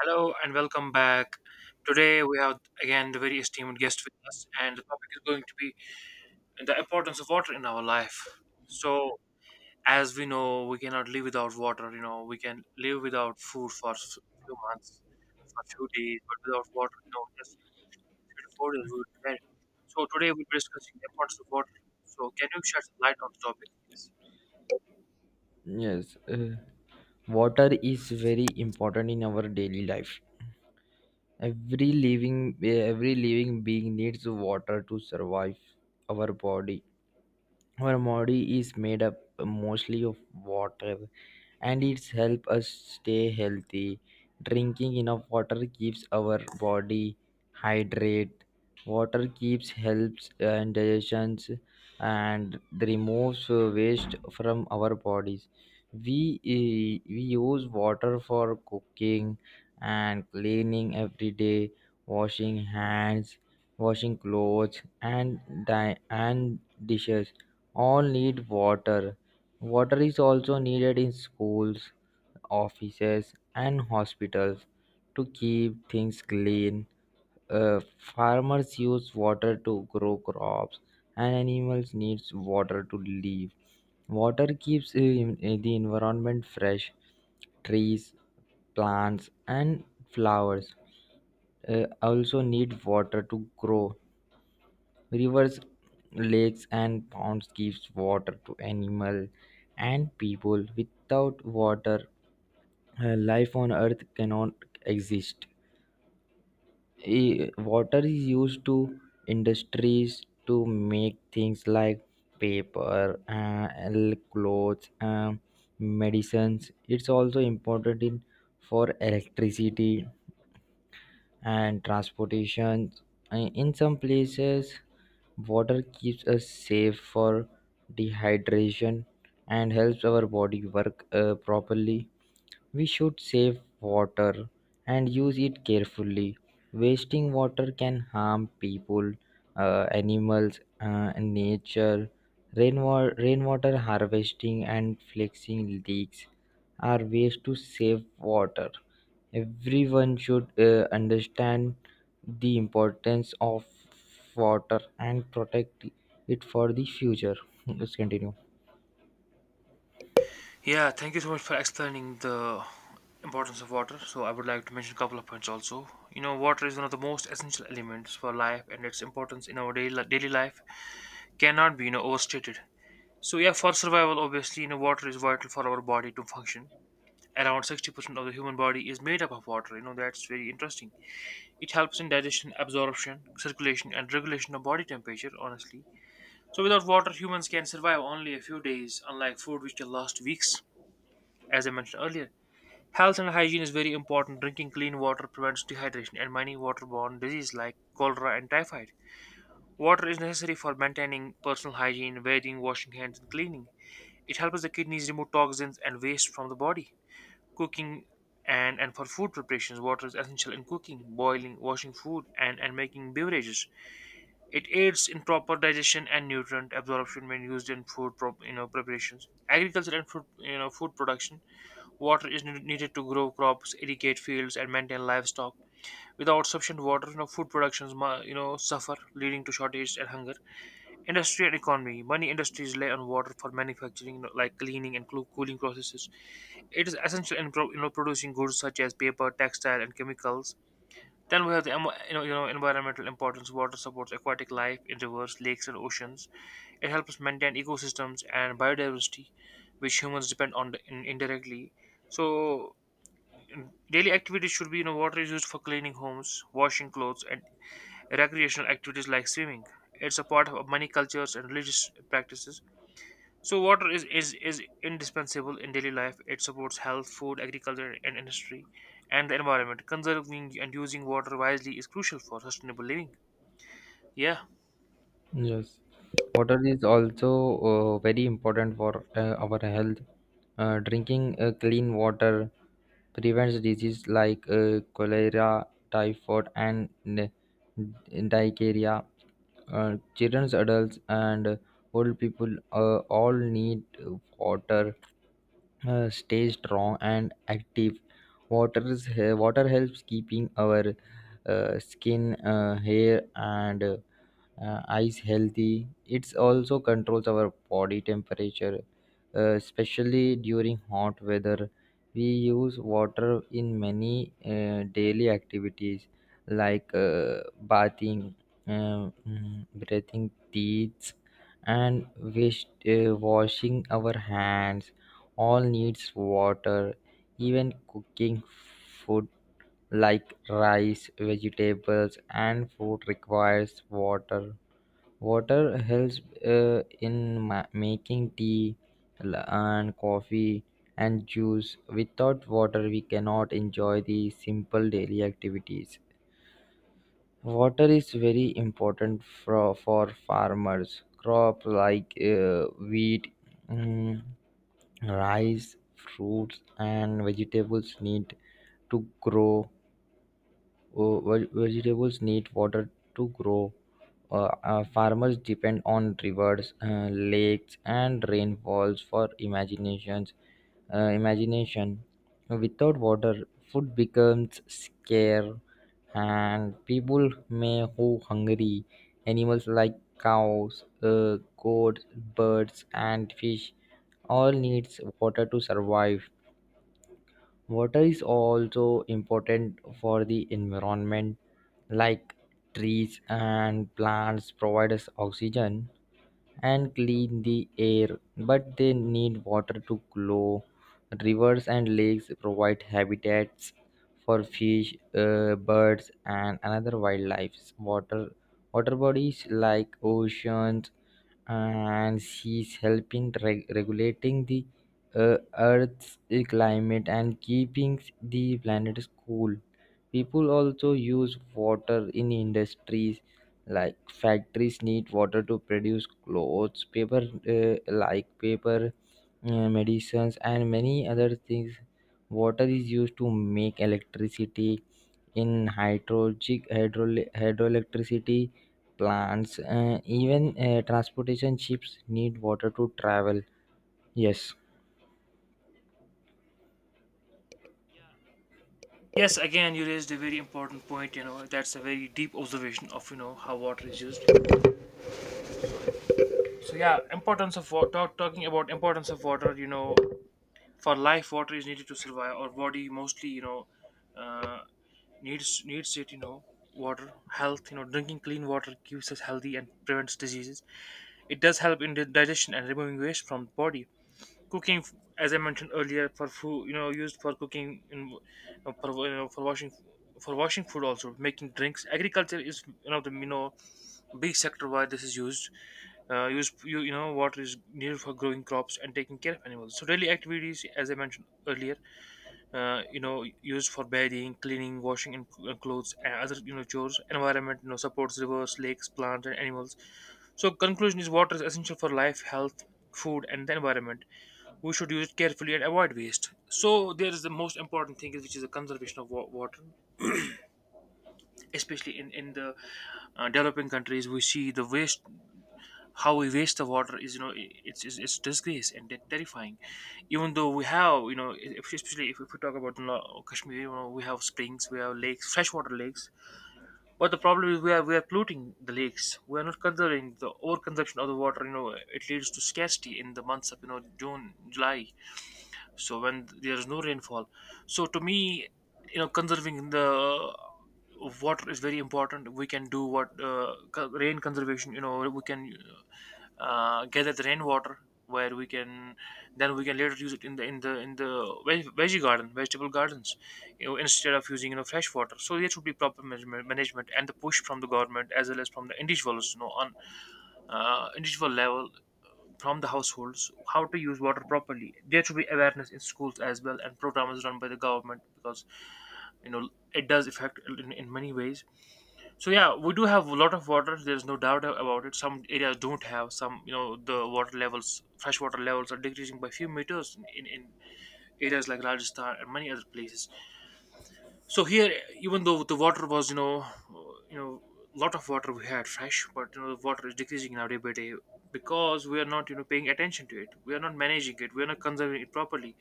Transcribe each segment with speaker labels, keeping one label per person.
Speaker 1: Hello and welcome back. Today we have again the very esteemed guest with us, and the topic is going to be the importance of water in our life. So, as we know, we cannot live without water. We can live without food for a few months, for a few days, but without water, just in 3 to 4 days we would be dead. So, today we'll be discussing the importance of water. So, can you shed some light on the topic?
Speaker 2: Yes, water is very important in our daily life. Every living being needs water to survive. our body our body is made up mostly of water, and it's help us stay healthy. Drinking enough water keeps our body hydrate. Water keeps helps and digestions and removes waste from our bodies. We use water for cooking and cleaning every day. Washing hands, washing clothes, and and dishes all need water. Water is also needed in schools, offices, and hospitals to keep things clean. Farmers use water to grow crops, and animals need water to live. Water keeps the environment fresh. Trees, plants, and flowers also need water to grow. Rivers, lakes, and ponds gives water to animal and people. Without water, life on Earth cannot exist. Water is used to industries to make things like paper, and clothes, medicines. It's also important in for electricity and transportation. In some places, water keeps us safe for dehydration and helps our body work properly. We should save water and use it carefully. Wasting water can harm people, animals, and nature. Rainwater harvesting and fixing leaks are ways to save water. Everyone should understand the importance of water and protect it for the future. Let's continue.
Speaker 1: Yeah, thank you so much for explaining the importance of water. So I would like to mention a couple of points also. Water is one of the most essential elements for life, and its importance in our daily life cannot be overstated. So yeah, for survival, obviously, water is vital for our body to function. Around 60% of the human body is made up of water. That's very interesting. It helps in digestion, absorption, circulation, and regulation of body temperature. Honestly, so without water, humans can survive only a few days, unlike food, which can last weeks. As I mentioned earlier. Health and hygiene is very important. Drinking clean water prevents dehydration and many waterborne diseases like cholera and typhoid. Water is necessary for maintaining personal hygiene, bathing, washing hands, and cleaning. It helps the kidneys remove toxins and waste from the body. Cooking, and for food preparations, water is essential in cooking, boiling, washing food, and making beverages. It aids in proper digestion and nutrient absorption when used in food preparations. Agriculture and food production. Water is needed to grow crops, irrigate fields, and maintain livestock. Without sufficient water, food productions suffer, leading to shortage and hunger. Industry and economy: many industries rely on water for manufacturing, like cleaning and cooling processes. It is essential in producing goods such as paper, textile, and chemicals. Then we have the environmental importance. Water supports aquatic life in rivers, lakes, and oceans. It helps us maintain ecosystems and biodiversity, which humans depend on indirectly. So daily activities should be, water is used for cleaning homes, washing clothes, and recreational activities like swimming. It's a part of many cultures and religious practices. So water is indispensable in daily life. It supports health, food, agriculture, and industry, and the environment. Conserving and using water wisely is crucial for sustainable living. Yeah.
Speaker 2: Yes, water is also very important for our health. Drinking clean water prevents disease like cholera, typhoid, and diarrhea. Children, adults, and old people all need water stay strong and active. Water helps keeping our skin, hair, and eyes healthy. It also controls our body temperature, especially during hot weather. We use water in many daily activities like bathing, breathing teeth, and washing our hands. All needs water, even cooking food like rice, vegetables, and fruit requires water. Water helps making tea and coffee and juice. Without water, we cannot enjoy the simple daily activities. Water is very important for farmers. Crop like wheat, mm, rice, fruits, and vegetables need to grow. Vegetables need water to grow. Farmers depend on rivers, lakes, and rainfalls for imagination. Without water, food becomes scarce, and people may go hungry. Animals like cows, goats, birds, and fish all needs water to survive. Water is also important for the environment, like trees and plants provide us oxygen and clean the air, but they need water to grow. Rivers and lakes provide habitats for fish, birds, and another wildlife. Water bodies like oceans and seas help in regulating the Earth's climate and keeping the planet cool. People also use water in industries like factories need water to produce clothes, paper, uh, like paper medicines, and many other things. Water is used to make electricity in hydrogic hydro hydroelectricity plants. Even transportation ships need water to travel. Yes,
Speaker 1: Yes, again, you raised a very important point. That's a very deep observation of how water is used. So yeah, importance of water. Talking about importance of water. For life, water is needed to survive. Our body mostly uh, needs it, water. Health. Drinking clean water keeps us healthy and prevents diseases. It does help in the digestion and removing waste from the body. Cooking, as I mentioned earlier, for food, used for cooking in, for washing for washing food, also making drinks. Agriculture is one of the big sector where this is used. Use you, you know Water is needed for growing crops and taking care of animals. So daily activities, as I mentioned earlier, used for bathing, cleaning, washing, and clothes, and other chores. Environment, supports rivers, lakes, plants, and animals. So conclusion is water is essential for life, health, food, and the environment. We should use it carefully and avoid waste. So there is the most important thing which is the conservation of water, especially in the developing countries. We see the waste, how we waste the water is, it's disgrace and terrifying. Even though we have especially if we talk about Kashmir. We have springs, we have lakes, freshwater lakes. But the problem is we are polluting the lakes, we are not conserving. The overconsumption of the water, it leads to scarcity in the months of June, July. So when there's no rainfall, so to me, conserving the water is very important. We can do what, rain conservation. We can gather the rainwater where we can, then we can later use it in the veg- veggie garden vegetable gardens, instead of using fresh water. So there should be proper management and the push from the government as well as from the individuals, on individual level, from the households, how to use water properly. There should be awareness in schools as well, and programs run by the government, because it does affect in many ways. So yeah, we do have a lot of water, there's no doubt about it. Some areas don't have some, the water levels, freshwater levels are decreasing by few meters in areas like Rajasthan and many other places. So here, even though the water was uh, you know lot of water we had fresh, but the water is decreasing now, day by day. Because we are not paying attention to it, we are not managing it, we are not conserving it properly.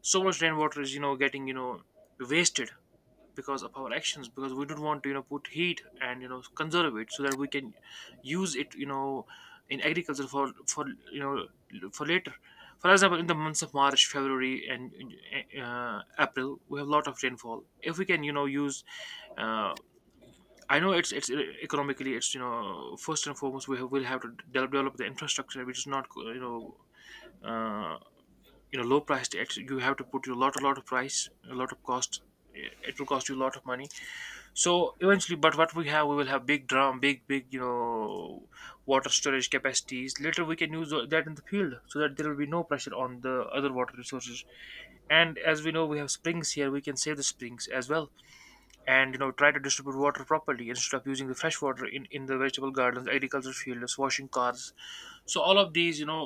Speaker 1: So much rainwater is getting wasted because of our actions, because we don't want to put heat and conserve it so that we can use it, in agriculture for you know for later. For example, in the months of March, February, and April, we have a lot of rainfall. If we can use, uh, I know it's economically it's, first and foremost, will have to develop the infrastructure, which is not uh, low priced. Actually, you have to put a lot of price, a lot of cost, it will cost you a lot of money. So eventually, but what we have, we will have big drum, big water storage capacities, later we can use that in the field so that there will be no pressure on the other water resources. And as we know, we have springs here, we can save the springs as well. And try to distribute water properly instead of using the fresh water in the vegetable gardens, agriculture fields, washing cars. So all of these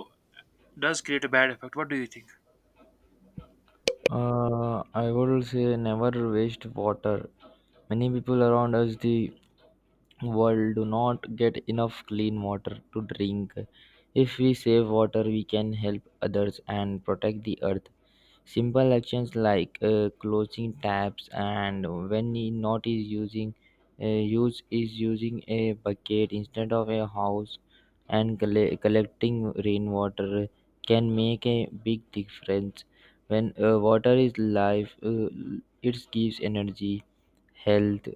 Speaker 1: does create a bad effect. What do you think?
Speaker 2: I would say never waste water. Many people around us, the world, do not get enough clean water to drink. If we save water, we can help others and protect the earth. Simple actions like closing taps and when not is using, use is using a bucket instead of a house, and collecting rainwater can make a big difference. When Water is life. It gives energy, health,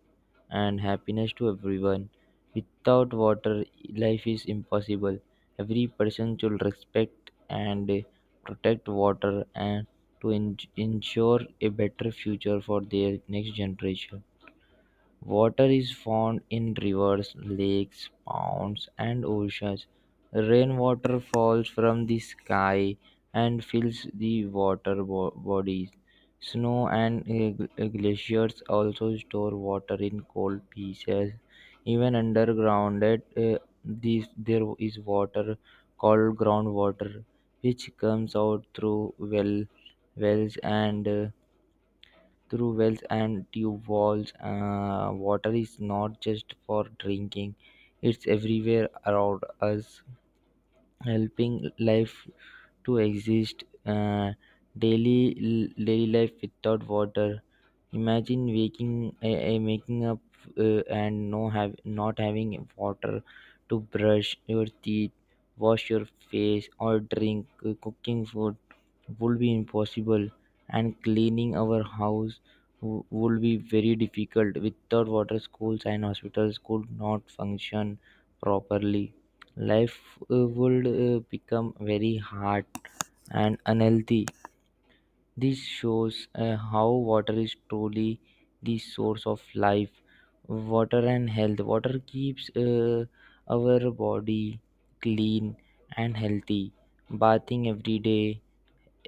Speaker 2: and happiness to everyone. Without water, life is impossible. Every person should respect and protect water and ensure a better future for their next generation. Water is found in rivers, lakes, ponds, and oceans. Rainwater falls from the sky and fills the water bodies. Snow and glaciers also store water in cold pieces. Even underground, there is water called groundwater, which comes out through wells and through wells and tube walls. Water is not just for drinking, it's everywhere around us, helping life to exist. Daily life without water, imagine waking making up and no have not having water to brush your teeth, wash your face, or drink. Cooking food would be impossible, and cleaning our house would be very difficult. Without water, schools and hospitals could not function properly. Life would become very hard and unhealthy. This shows how water is truly the source of life. Water and health. Water keeps our body clean and healthy. Bathing every day,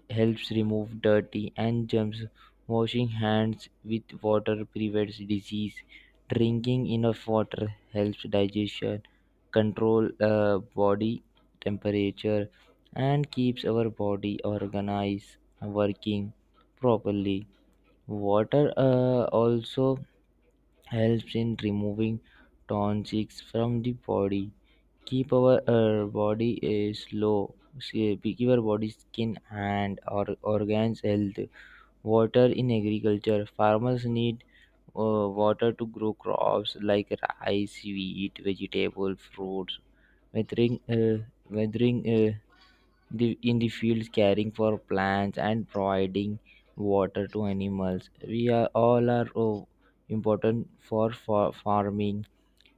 Speaker 2: helps remove dirty and germs. Washing hands with water prevents disease. Drinking enough water helps digestion, control body temperature, and keeps our body organized, working properly. Water also helps in removing toxins from the body, keep our body is low say, we keep our body skin and or organs healthy. Water in agriculture, farmers need water to grow crops like rice, wheat, vegetable, fruits. weathering uh, Weathering in the fields, caring for plants, and providing water to animals, we are all are important for farming.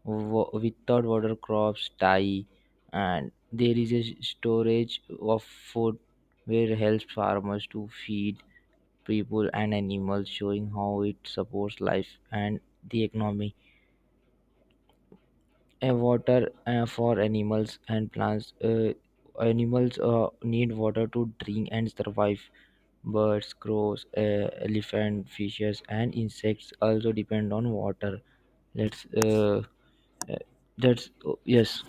Speaker 2: Without water, crops die, and there is a storage of food, where helps farmers to feed people and animals, showing how it supports life and the economy. A water for animals and plants. Animals need water to drink and survive. Birds, crows, elephant, fishes, and insects also depend on water. Let's uh, that's oh, yes.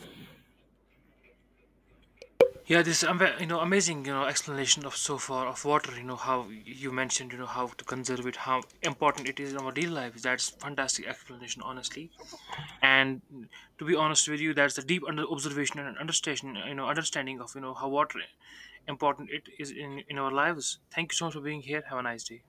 Speaker 1: Yeah, this amazing explanation of so far of water. You know how you mentioned how to conserve it, how important it is in our daily lives. That's fantastic explanation, honestly. And to be honest with you, that's the deep under observation and understanding. Understanding of how water important it is in our lives. Thank you so much for being here. Have a nice day.